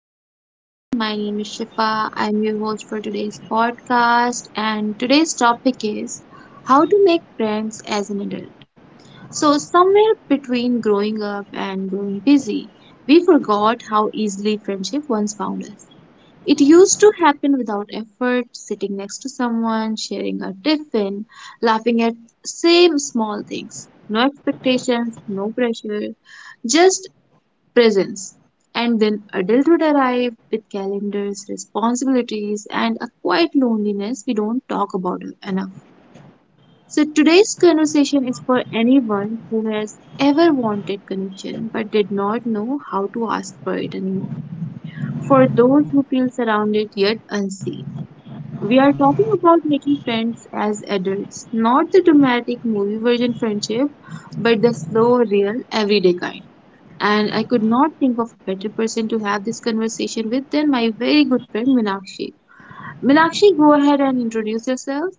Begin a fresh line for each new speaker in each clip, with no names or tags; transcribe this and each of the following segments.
everyone, my name is Shifa. I'm your host for today's podcast, and today's topic is how to make friends as an adult. So, somewhere between growing up and growing busy, we forgot how easily friendship once found us. It used to happen without effort, sitting next to someone, sharing a tiffin, laughing at same small things. No expectations, no pressure, just presence. And then adulthood arrived with calendars, responsibilities, and a quiet loneliness we don't talk about enough. So today's conversation is for anyone who has ever wanted connection but did not know how to ask for it anymore. For those who feel surrounded yet unseen. We are talking about making friends as adults, not the dramatic movie version friendship, but the slow, real, everyday kind, and I could not think of a better person to have this conversation with than my very good friend Minakshi. Minakshi, go ahead and introduce yourself.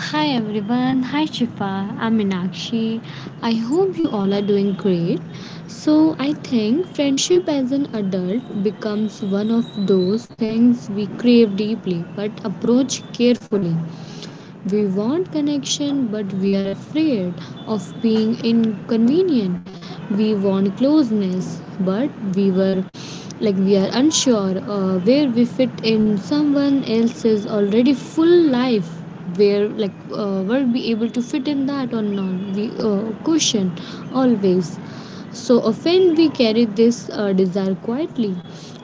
Hi everyone, hi Shifa, I'm Meenakshi. I hope you all are doing great. So, I think friendship as an adult becomes one of those things we crave deeply but approach carefully. We want connection, but we are afraid of being inconvenient. We want closeness, but we were like we are unsure where we fit in someone else's already full life. Where were we able to fit in that or not? We question always. So often we carry this desire quietly,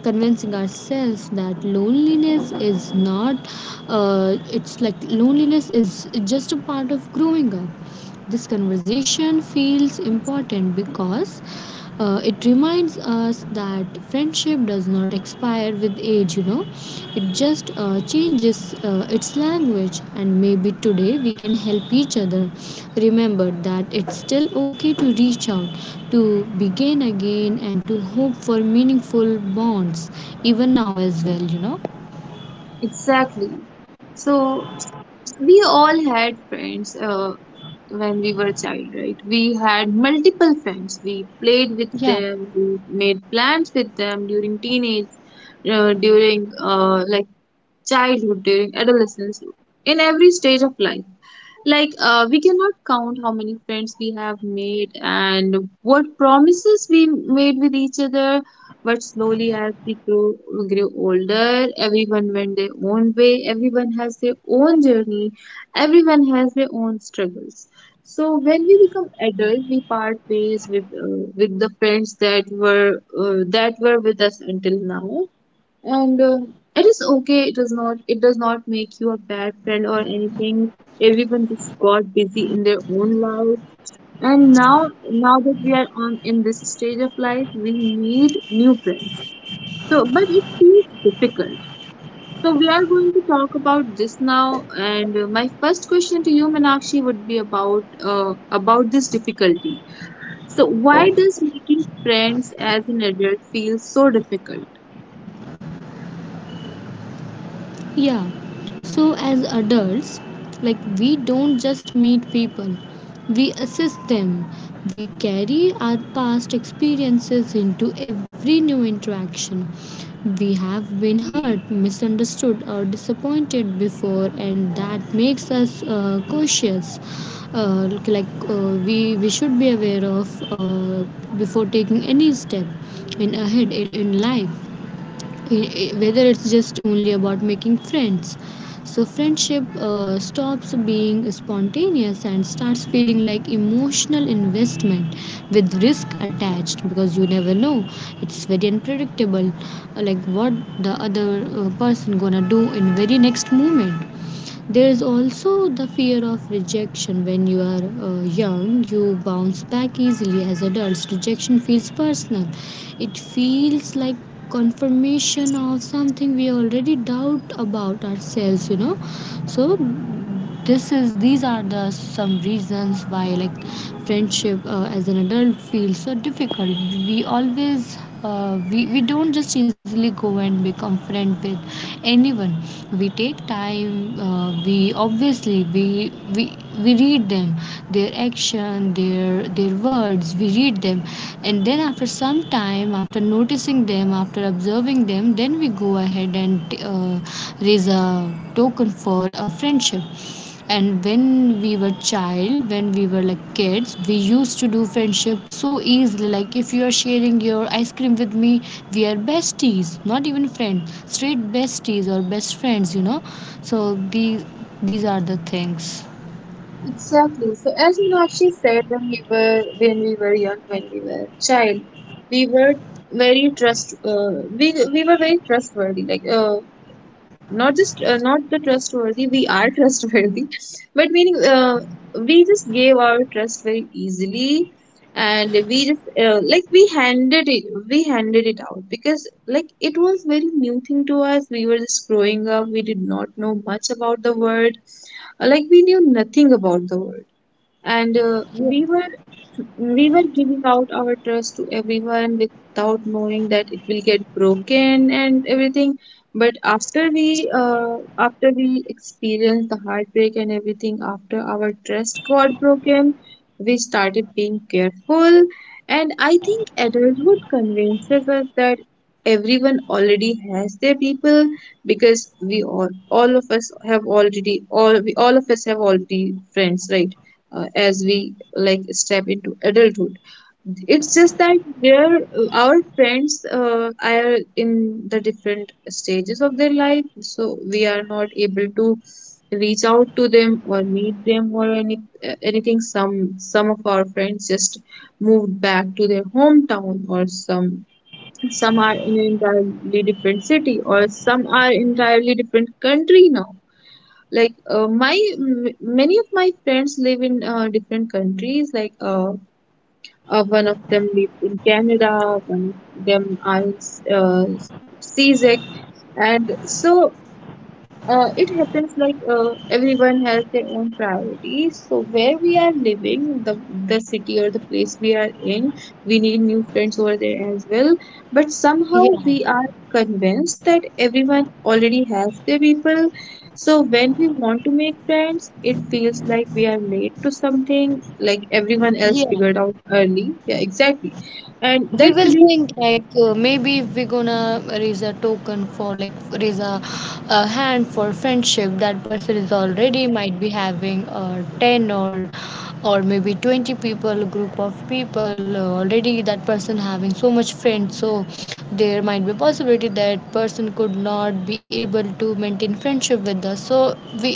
convincing ourselves that loneliness is not, it's like loneliness is just a part of growing up. This conversation feels important because it reminds us that friendship does not expire with age, it just changes its language, and maybe today we can help each other. Remember that it's still okay to reach out, to begin again, and to hope for meaningful bonds, even now as well,
Exactly. So we all had friends when we were a child, right? We had multiple friends. We played with
Yeah,
them. We made plans with them during teenage, during childhood, during adolescence, in every stage of life. Like, we cannot count how many friends we have made and what promises we made with each other. But slowly, as grew older, everyone went their own way, everyone has their own journey, everyone has their own struggles. So when we become adult, we part ways with the friends that were with us until now, and it is okay, it does not make you a bad friend or anything. Everyone just got busy in their own life, and now that we are on in this stage of life we need new friends. So but it feels difficult, so we are going to talk about this now, and my first question to you Meenakshi would be about this difficulty. So why does making friends as an adult feel so difficult?
yeah. So as adults, like we don't just meet people, we assist them. We carry our past experiences into every new interaction. We have been hurt, misunderstood, or disappointed before, and that makes us cautious. We should be aware of before taking any step in ahead in life whether it's just only about making friends. So, friendship stops being spontaneous and starts feeling like emotional investment with risk attached because you never know. It's very unpredictable, like what the other person gonna do in very next moment. There is also the fear of rejection. When you are young, you bounce back easily. As adults, rejection feels personal. It feels like confirmation of something we already doubt about ourselves, you know, so this is these are the some reasons why friendship as an adult feels so difficult. We always we don't just easily go and become friend with anyone. We take time. We we read them, their action, their words, we read them, and then after some time, after noticing them, after observing them, then we go ahead and raise a token for a friendship. And when we were like kids, we used to do friendship so easily. Like if you are sharing your ice cream with me, we are besties, not even friends, straight besties or best friends, you know. So these are the things.
Exactly. So as Meenakshi said, when we were young, when we were child, we were very trust. We were very trustworthy. Like not just not the trustworthy. We are trustworthy, but meaning we just gave our trust very easily, and we just we handed it out because like it was very new thing to us. We were just growing up. We did not know much about the world. Like we knew nothing about the world, and we were giving out our trust to everyone without knowing that it will get broken and everything. But after we experienced the heartbreak and everything, after our trust got broken, we started being careful. And I think adulthood convinces us that everyone already has their people, because we all of us have already friends, right? As we like step into adulthood, it's just that there our friends are in the different stages of their life, so we are not able to reach out to them or meet them or any anything. Some of our friends just moved back to their hometown, or some are in an entirely different city, or some are entirely different country now. Like many of my friends live in different countries, like one of them lives in Canada, one of them are in Czec, and so it happens, like everyone has their own priorities. So where we are living, the city or the place we are in, we need new friends over there as well. But somehow
Yeah,
we are convinced that everyone already has their people. So when we want to make friends, it feels like we are late to something, like everyone else
yeah.
figured out early. Yeah, exactly. And
We
that
will
belief.
think like maybe if we're gonna raise a token for a hand for friendship, that person is already might be having 10 or maybe 20 people, group of people, already that person having so much friends. So there might be possibility that person could not be able to maintain friendship with us. So we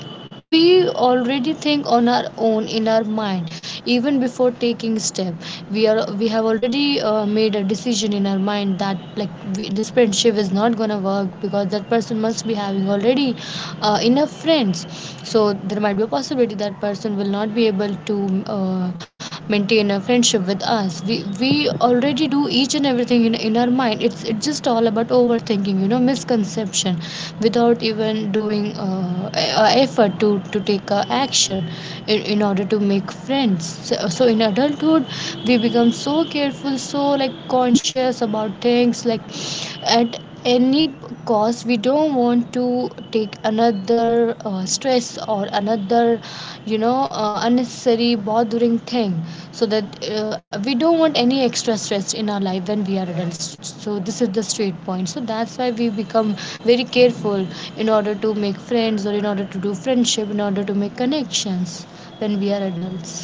we already think on our own in our mind, even before taking step. We have already made a decision in our mind that this friendship is not gonna work because that person must be having already enough friends. So there might be a possibility that person will not be able to uh, maintain a friendship with us. We already do each and everything in our mind. It's just all about overthinking, you know, misconception, without even doing a effort to take action in order to make friends. So, so in adulthood we become so careful, so like conscious about things, like at any, because we don't want to take another stress or another, you know, unnecessary bothering thing. So that we don't want any extra stress in our life when we are adults. So this is the straight point. So that's why we become very careful in order to make friends, or in order to do friendship, in order to make connections when we are adults.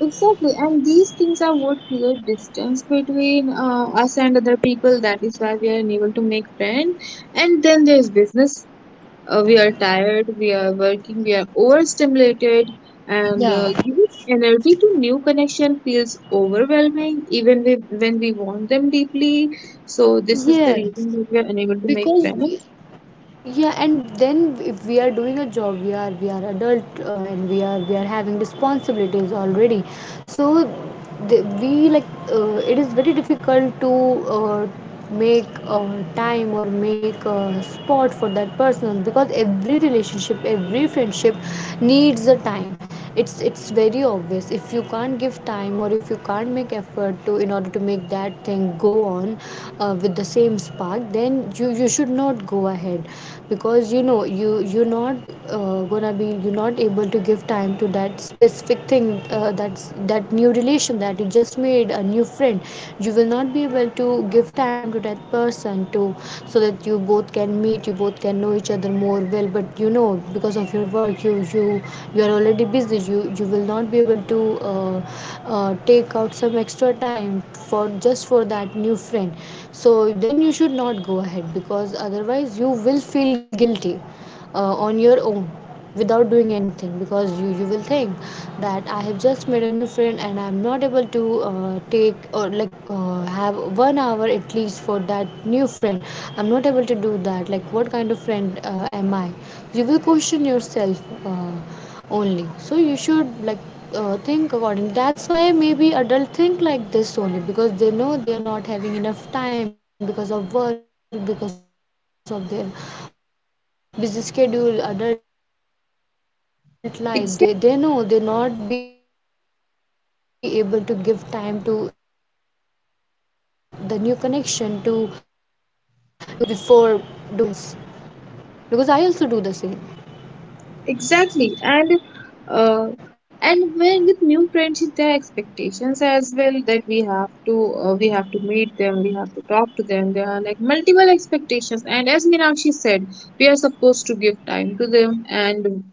Exactly, and these things are what create distance between us and other people. That is why we are unable to make friends. And then there's business. We are tired, we are working, we are overstimulated, and
Yeah.
giving energy to new connection feels overwhelming, when we want them deeply. So this is the
Yes,
reason that we are unable to make
because
friends.
yeah, and then if we are doing a job, we are adult, and we are having responsibilities already. So the, we like it is very difficult to uh, make time or make a spot for that person, because every relationship, every friendship needs a time. It's very obvious, if you can't give time, or if you can't make effort to in order to make that thing go on with the same spark, then you should not go ahead, because you know you're not gonna be you're not able to give time to that specific thing. That new relation that you just made, a new friend, you will not be able to give time to that person, to so that you both can meet, you both can know each other more well. But you know, because of your work, you you are already busy. You will not be able to uh, take out some extra time for just for that new friend. So then you should not go ahead, because otherwise you will feel guilty on your own, without doing anything. Because you will think that I have just made a new friend and I'm not able to take or like have 1 hour at least for that new friend. I'm not able to do that, like what kind of friend am I? You will question yourself uh, only. So you should think according. That's why maybe adult think like this only, because they know they are not having enough time because of work, because of their busy schedule, adult life. They know they not be able to give time to the new connection, to new friendship. So they just backstep themselves before doing anything. This is the thing, and I know like everyone can relate with this, because I also do the same.
Exactly, and uh, when with new friends there are expectations as well, that we have to meet them, we have to talk to them. There are like multiple expectations, and as Meenakshi said, we are supposed to give time to them, and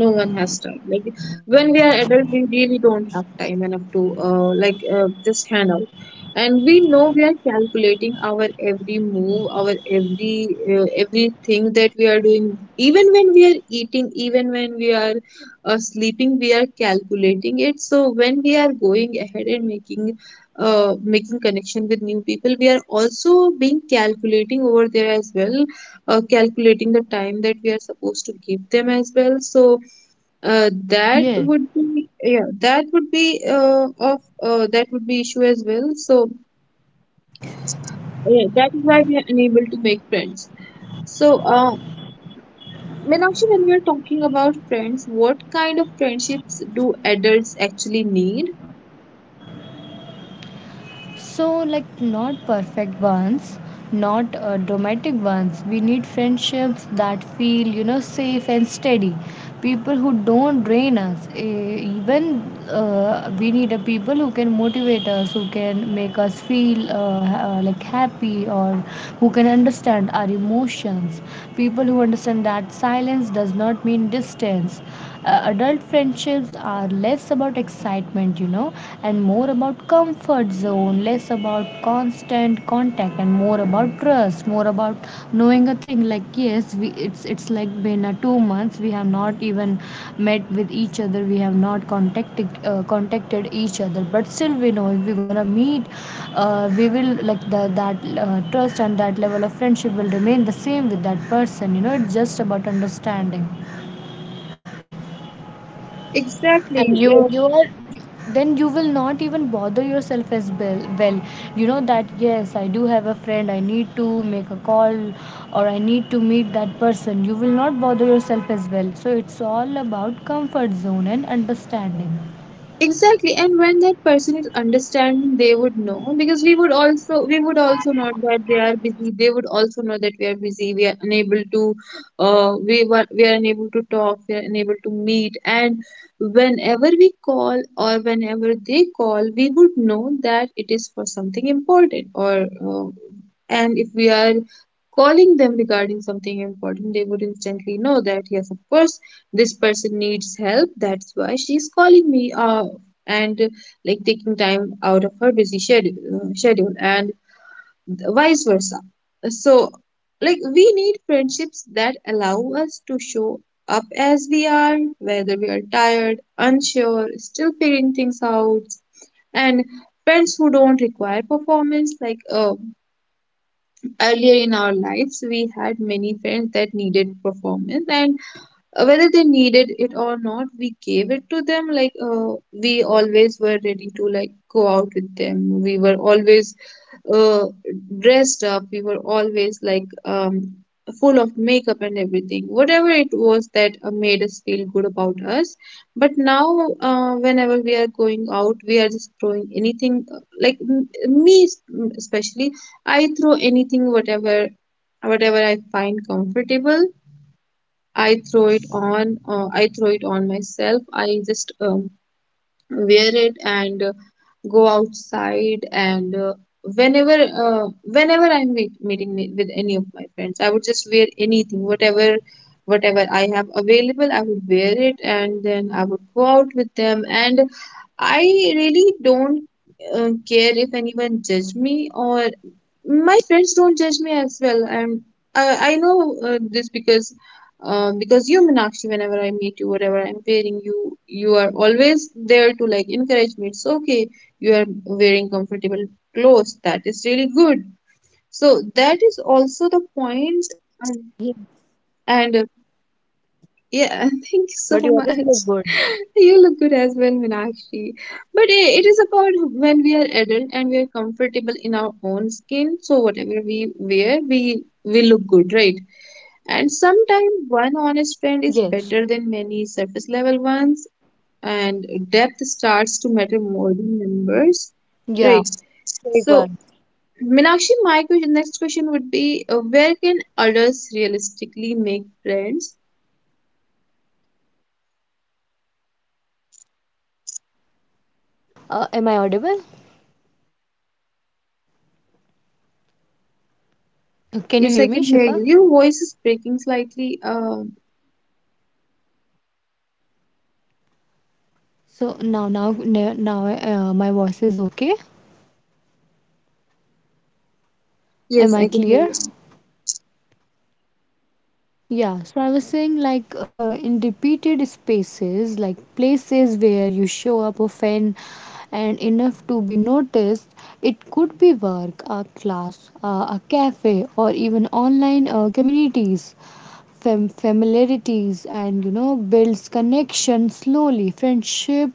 no one has time. Like when we are adult, we really don't have time enough to just hang out. And we know we are calculating our every move, our every everything that we are doing, even when we are eating, even when we are sleeping, we are calculating it. So when we are going ahead and making making connection with new people, we are also being calculating over there as well, calculating the time that we are supposed to give them as well. So that
Yes.
would be yeah that would be of that would be issue as well. So yeah, that is why we are unable to make friends. So, Meenakshi, when we are talking about friends, what kind of friendships do adults actually need?
So, like, not perfect ones, not dramatic ones. We need friendships that feel, you know, safe and steady. People who don't drain us. Even we need a people who can motivate us, who can make us feel like happy, or who can understand our emotions. People who understand that silence does not mean distance. Adult friendships are less about excitement, you know, and more about comfort zone, less about constant contact, and more about trust, more about knowing a thing. Like yes, we it's like been a 2 months. We have not even met with each other. We have not contacted each other, but still we know if we're gonna meet, we will like the that trust and that level of friendship will remain the same with that person. You know, it's just about understanding.
Exactly.
Then you will not even bother yourself as well well, you know that yes, I do have a friend, I need to make a call, or I need to meet that person. You will not bother yourself as well. So it's all about comfort zone and understanding.
Exactly, and when that person is understanding, they would know, because we would also know that they are busy. They would also know that we are busy. We are unable to, we are unable to talk. We are unable to meet. And whenever we call or whenever they call, we would know that it is for something important. Or and if we are calling them regarding something important, they would instantly know that yes, of course this person needs help, that's why she's calling me. And like taking time out of her busy schedule, schedule, and vice versa. So like we need friendships that allow us to show up as we are, whether we are tired, unsure, still figuring things out, and friends who don't require performance. Like earlier in our lives we had many friends that needed performance, and whether they needed it or not, we gave it to them. Like we always were ready to like go out with them, we were always uh, dressed up, we were always like full of makeup and everything, whatever it was that made us feel good about us. But now whenever we are going out, we are just throwing anything, me es- especially I throw anything, whatever I find comfortable. I throw it on. I throw it on myself. I just wear it, and go outside, and whenever whenever I'm meeting with any of my friends, I would just wear anything, whatever I have available. I would wear it and then I would go out with them, and I really don't care if anyone judge me, or my friends don't judge me as well. And I know this because you, Meenakshi, whenever I meet you, whatever I'm wearing, you are always there to like encourage me. It's okay, you are wearing comfortable clothes, that is
Yeah,
really good. So that is also the point. Um,
but you always look good.
and Yeah, thank you so much. You look good as well, Minakshi. But it is about when we are adult and we are comfortable in our own skin, so whatever we wear we look good, right? And sometimes one honest friend is better
Yes.
than many surface level ones, and depth starts to matter more than
Yeah.
numbers.
Fake one.
Right. So Meenakshi, my question, next question would be, where can adults realistically make friends?
So in repeated spaces. Am I audible? Can
Yes,
you
I
hear
can
me,
hear you.
Shifa?
Your voice is breaking slightly.
So now my voice is okay. Am
Yes,
I
I can hear
clear?
you.
Yeah, so I was saying like in repeated spaces, like places where you show up often and enough to be noticed, be work, a class, a cafe, or even online communities. Familiarities and you know builds connection slowly. Friendship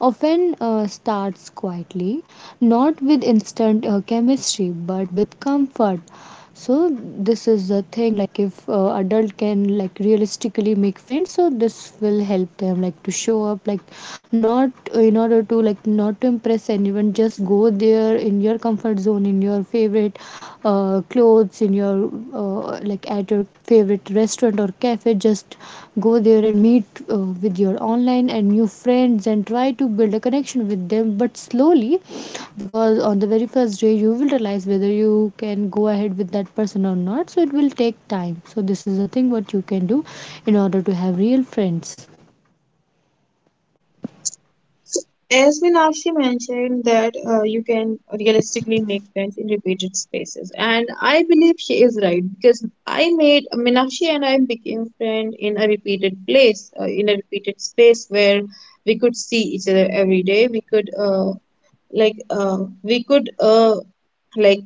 often starts quietly, not with instant chemistry, but with comfort. So this is the thing, like if adult can make friends, so this will help them like to show up like not in order to not to impress anyone. Just go there in your comfort zone, in your favorite clothes, in your at your favorite restaurant or cafe. Just go there and meet with your online and new friends and try to build a connection with them, but slowly, because on the very first day you will realize whether you can go ahead with that person or not. So it will take time. So this is the thing what you can do in order to have real friends.
As Meenakshi mentioned that you can realistically make friends in repeated spaces, and I believe she is right, because I made Meenakshi and I became friend in a repeated place, in a repeated space where we could see each other every day. We could like uh, we could like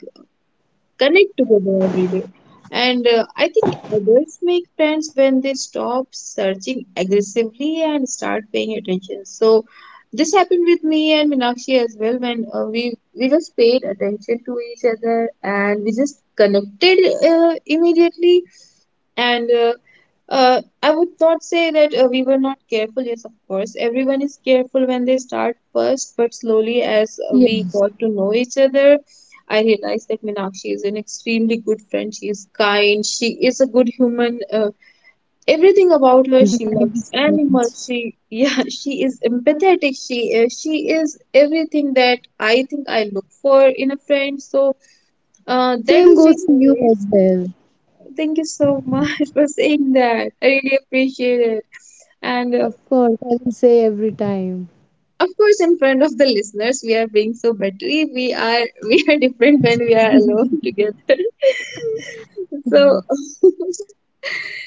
connect together every day. And I think adults make friends when they stop searching aggressively and start paying attention. So this happened with me and Minakshi as well, when we just paid attention to each other and we just connected immediately. And I would not say that we were not careful. Yes, of course, everyone is careful when they start first, but slowly as
Yes.
we got to know each other, I realized that Minakshi is an extremely good friend. She is kind. She is a good human. Everything about her, she
Thank you
loves
so much.
animals. She, yeah, she is empathetic. She she is everything that I think I look for in a friend. So, that
Same
was
goes
really
to you
great.
as well.
Thank you so much for saying that. I really appreciate it and
Of course I will say every time.
of course in front of the listeners we are being so buttery, we are we are different when we are alone together. So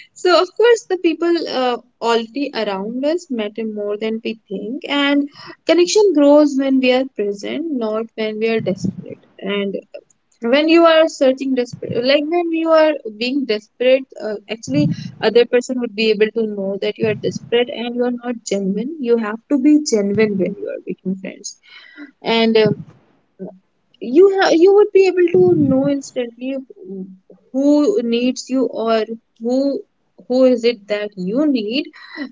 so of course the people already around us matter more than we think, and connection grows when we are present, not when we are desperate. And when you are searching desperate, like when you are being desperate, actually other person would be able to know that you are desperate and you are not genuine. You have to be genuine when you are making friends. And you would be able to know instantly who needs you, or who who is it that you need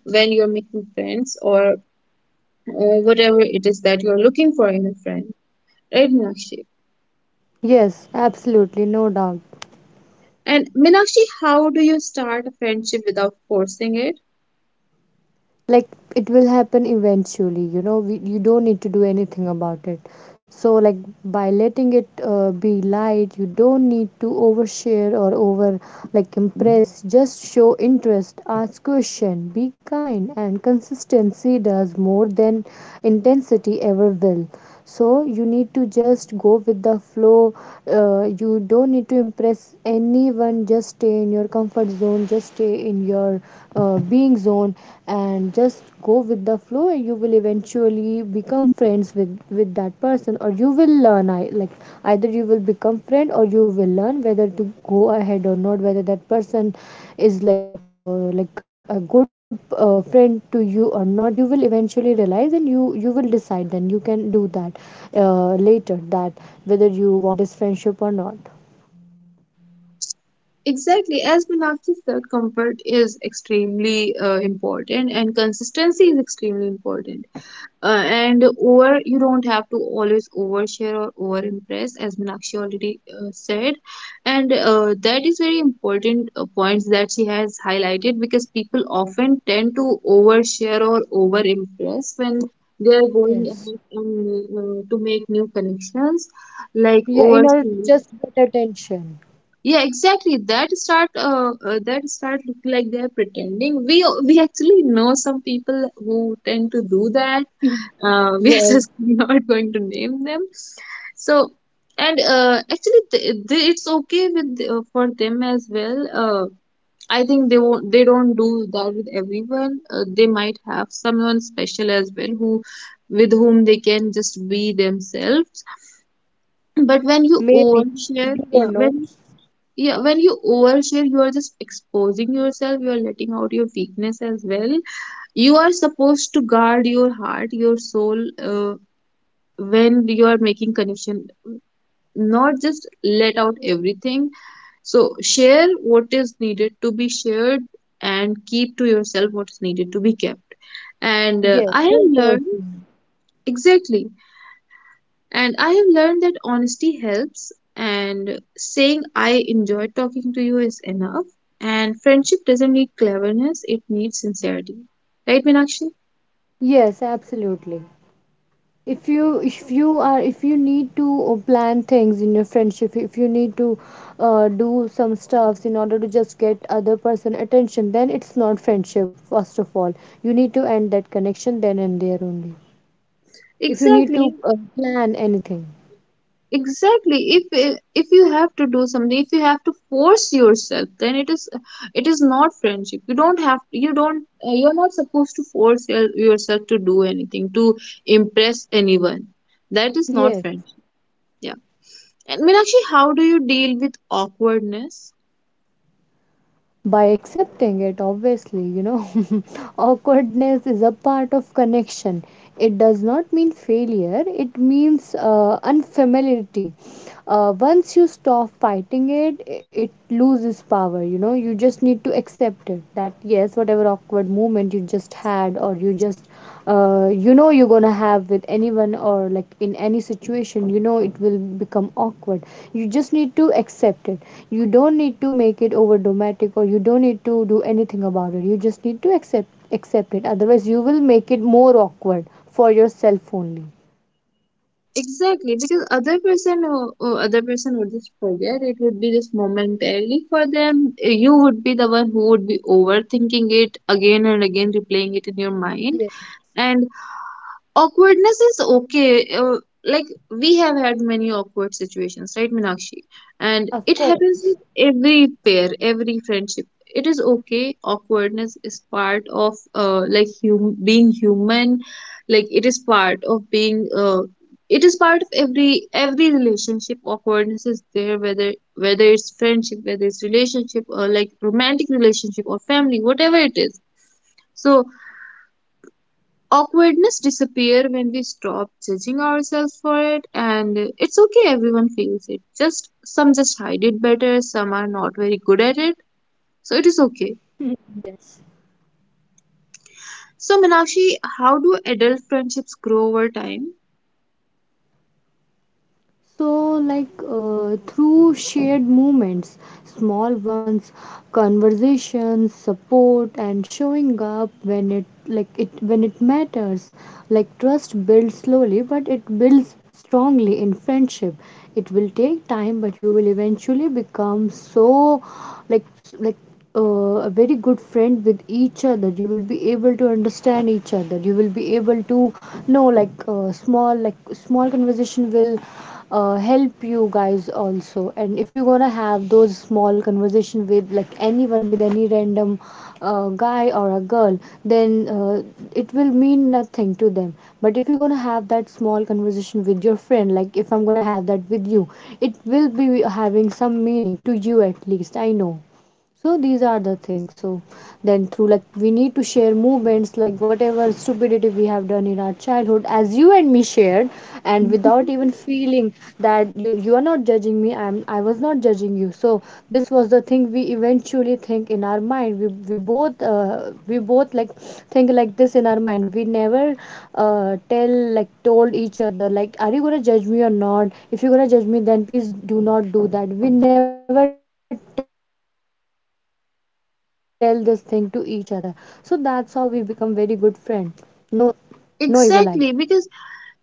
when you're making friends, or whatever it is that you're looking for in a friend, right Meenakshi?
Yes, absolutely, no doubt.
And Meenakshi, how do you start a friendship without forcing it?
Like, it will happen eventually, you know. You don't need to do anything about it. So, like, by letting it be light, you don't need to overshare or over, like, impress. Just show interest, ask question, be kind, and consistency does more than intensity ever will. So you need to just go with the flow. You don't need to impress anyone. Just stay in your comfort zone, just stay in your being zone, and just go with the flow, and you will eventually become friends with that person, or you will learn. Like, either you will become friend, or you will learn whether to go ahead or not, whether that person is like, like, a good friend to you or not. You will eventually realize, and you will decide. Then you can do that later, that whether you want this friendship or not.
Exactly, as Meenakshi said, comfort is extremely important and consistency is extremely important. And over, you don't have to always overshare or over impress, as Meenakshi already said. And that is very important points that she has highlighted because people often tend to overshare or over impress when they are going
Yes.
ahead and, to make new connections, like
Yeah, in order to
oversharing.
just get attention.
Yeah, exactly. That start look like they're pretending. We actually know some people who tend to do that, we are
Yes,
just not going to name them. So and actually it's okay with for them as well. I think they don't do that with everyone. They might have someone special as well who, with whom they can just be themselves. But when you
maybe,
overshare,
you don't know.
yeah when you overshare you are just exposing yourself, you are letting out your weakness as well. You are supposed to guard your heart, your soul, when you are making connection, not just let out everything. So share what is needed to be shared, and keep to yourself what's needed to be kept. And
Yes,
I have
don't
learned
overthink.
exactly, and I have learned that honesty helps and saying I enjoy talking to you is enough. And friendship doesn't need cleverness, it needs sincerity, right meenakshi?
Yes, absolutely. If you, if you are if you need to plan things in your friendship, if you need to do some stuffs in order to just get other person attention, then it's not friendship, first of all. You need to end that connection then and there only. If you need
Exactly.
to plan anything.
Exactly if eh, if you have to do something, if you have to force yourself, then it is, it is not friendship. You don't have, you're not supposed to force yourself to do anything to impress anyone. That is not
Yes.
friendship. Yeah. And Meenakshi, how do you deal with awkwardness?
By accepting it, obviously, you know. Awkwardness is a part of connection. It does not mean failure, it means unfamiliarity. Once you stop fighting it, it loses power, you know. You just need to accept it, that yes, whatever awkward moment you just had, or you just you know, you're gonna have with anyone, or like in any situation, you know, it will become awkward. You just need to accept it. You don't need to make it over dramatic, or you don't need to do anything about it. You just need to accept it, otherwise you will make it more awkward for yourself only.
Exactly, because other person or other person would just forget, it would be just momentarily for them. Eh, you would be the one who would be overthinking it again and again, replaying it in your mind.
Yes,
And awkwardness is okay. Like we have had many awkward situations, right meenakshi? And
of
it happens with
course.
every pair, every friendship. It is okay, awkwardness is part of, being human. Like it is part of being it is part of every relationship. Awkwardness is there, whether, whether it's friendship, whether it's relationship or like romantic relationship or family, whatever it is. So awkwardness disappear when we stop judging ourselves for it, and it's okay, everyone feels it, just some just hide it better, some are not very good at it. So it is okay.
Yes.
So Meenakshi, how do adult friendships grow over time?
So, like, through shared moments, small ones, conversations, support, and showing up when it like it when it matters. Like, trust builds slowly, but it builds strongly in friendship. It will take time, but you will eventually become so, like, uh, a very good friend with each other. You will be able to understand each other. You will be able to know, like, small conversation will help you guys also. And if you're gonna have those small conversation with, like, anyone, with any random guy or a girl, then it will mean nothing to them. But if you're gonna have that small conversation with your friend, like, if I'm gonna have that with you, it will be having some meaning to you, at least I know. So these are the things. So then, through, like, we need to share movements, like whatever stupidity we have done in our childhood, as you and me shared, and without even feeling that you are not judging me. I was not judging you. So this was the thing we eventually think in our mind. We both, we both, like, think like this in our mind. We never tell, like, told each other, like, are you gonna judge me or not? If you're gonna judge me, then please do not do that. We never tell this thing to each other. So that's how we become very good friend. No, no evil eye.
Exactly, because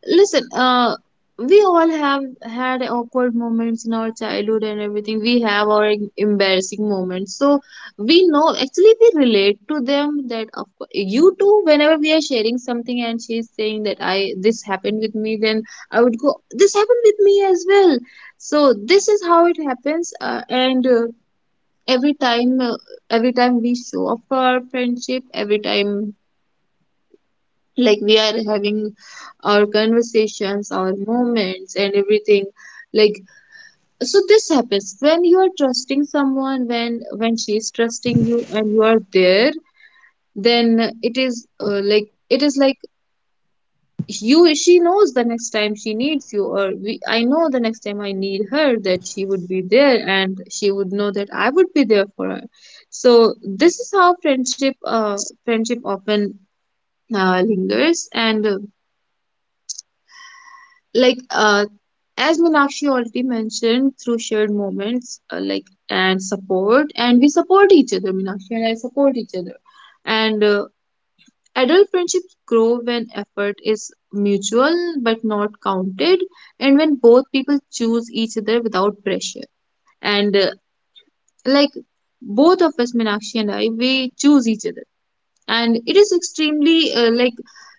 listen, we all have had awkward moments in our childhood and everything. We have our embarrassing moments. So we know, actually, we relate to them that of course, you too, whenever we are sharing something and she's saying that I, this happened with me, then I would go, this happened with me as well. So this is how it happens. And every time, uh, every time we show off our friendship, every time like we are having our conversations, our moments and everything. Like so this happens when you are trusting someone, when she is trusting you and you are there, then it is like it is like, you she knows the next time she needs you, or I know the next time I need her, that she would be there and she would know that I would be there for her. So this is how friendship often lingers. And like As Minakshi already mentioned, through shared moments, and support, and we support each other. Minakshi and I support each other, and adult friendships grow when effort is mutual but not counted, and when both people choose each other without pressure. And like both of us, Minakshi and I, we choose each other, and it is extremely,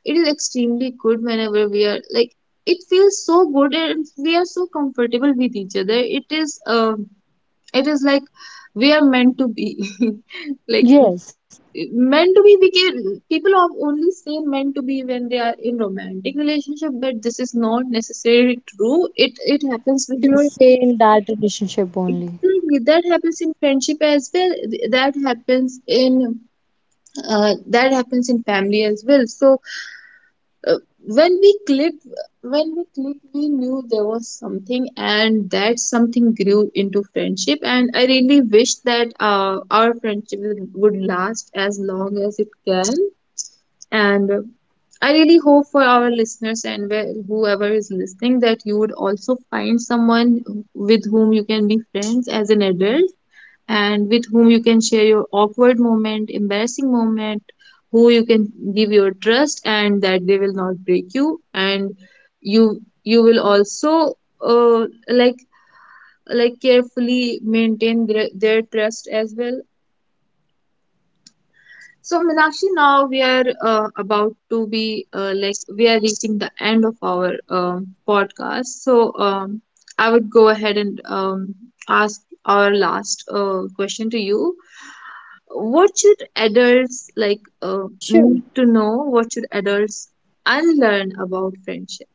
it is extremely good whenever we are like, it feels so good and we are so comfortable with each other. It is um, it is like we are meant to be. Like meant to be,
Yes,
we can, people are only say meant to be when they are in romantic relationship, but this is not necessarily true, it happens with your
to stay in that relationship
exactly. That
only.
happens in friendship as well. That happens in, that happens in family as well. So, uh, when we clicked, when we clicked we knew there was something, and that something grew into friendship, and I really wish that our friendship would last as long as it can. And I really hope for our listeners and whoever is listening, that you would also find someone with whom you can be friends as an adult, and with whom you can share your awkward moment, embarrassing moment, who you can give your trust and that they will not break you, and you will also uh, like carefully maintain their trust as well. So Meenakshi, now we are about to be we are reaching the end of our podcast. So I would go ahead and ask our last question to you. What should adults like
Sure.
need to know, what should adults unlearn about friendship,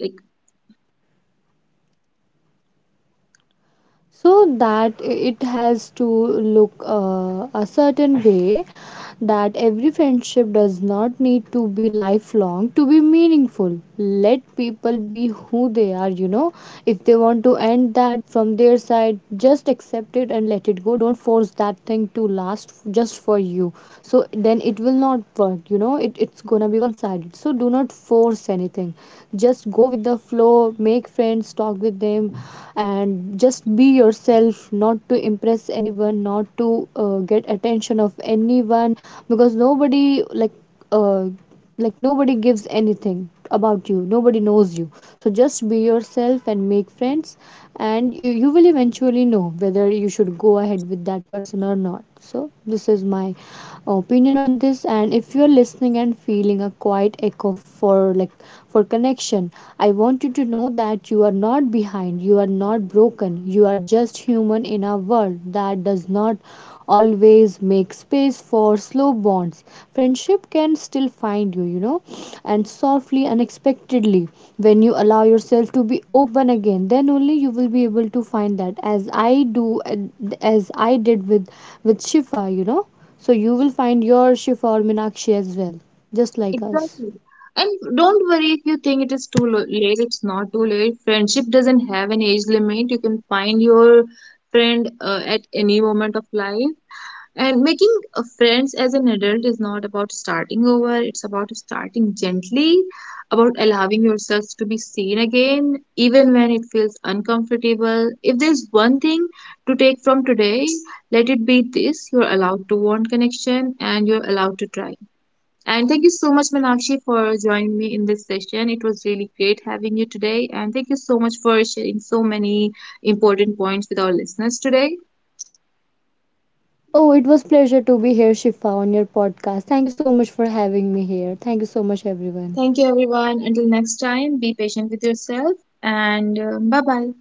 like
So, that it has to look a certain way, that every friendship does not need to be lifelong to be meaningful. Let people be who they are, you know. If they want to end that from their side, just accept it and let it go. Don't force that thing to last, just for you. So then it know it's gonna be one sided. So do not force anything, just go with the flow. Make friends, talk with them, and just be yourself, not to impress anyone, not to get attention of anyone. Because nobody, like, uh, nobody gives anything about you, nobody knows you. So just be yourself and make friends, and you will eventually know whether you should go ahead with that person or not. So this is my opinion on this. And if you're listening and feeling a quiet echo for, like, for connection, I want you to know that you are not behind, you are not broken. You are just human in a world that does not always make space for slow bonds. Friendship can still find you, you know, and softly, unexpectedly. When you allow yourself to be open again, then only you will be able to find that, as I do, as I did with Shifa, you know. So you will find your Shifa or Meenakshi as well, just like us.
exactly. And don't worry if you think it is late. It's not too late, friendship doesn't have an age limit, you can find your friend at any moment of life. And making friends as an adult is not about starting over, it's about starting gently, about allowing yourself to be seen again, even when it feels uncomfortable. If there's one thing to take from today, let it be this: you're allowed to want connection and you're allowed to try. And thank you so much, Manakshi, for joining me in this session. It was really great having you today. And thank you so much for sharing so many important points with our listeners today.
Oh, it was pleasure to be here, Shifa, on your podcast. Thank you so much for having me here. Thank you so much, everyone.
Thank you, everyone. Until next time, be patient with yourself, and bye bye.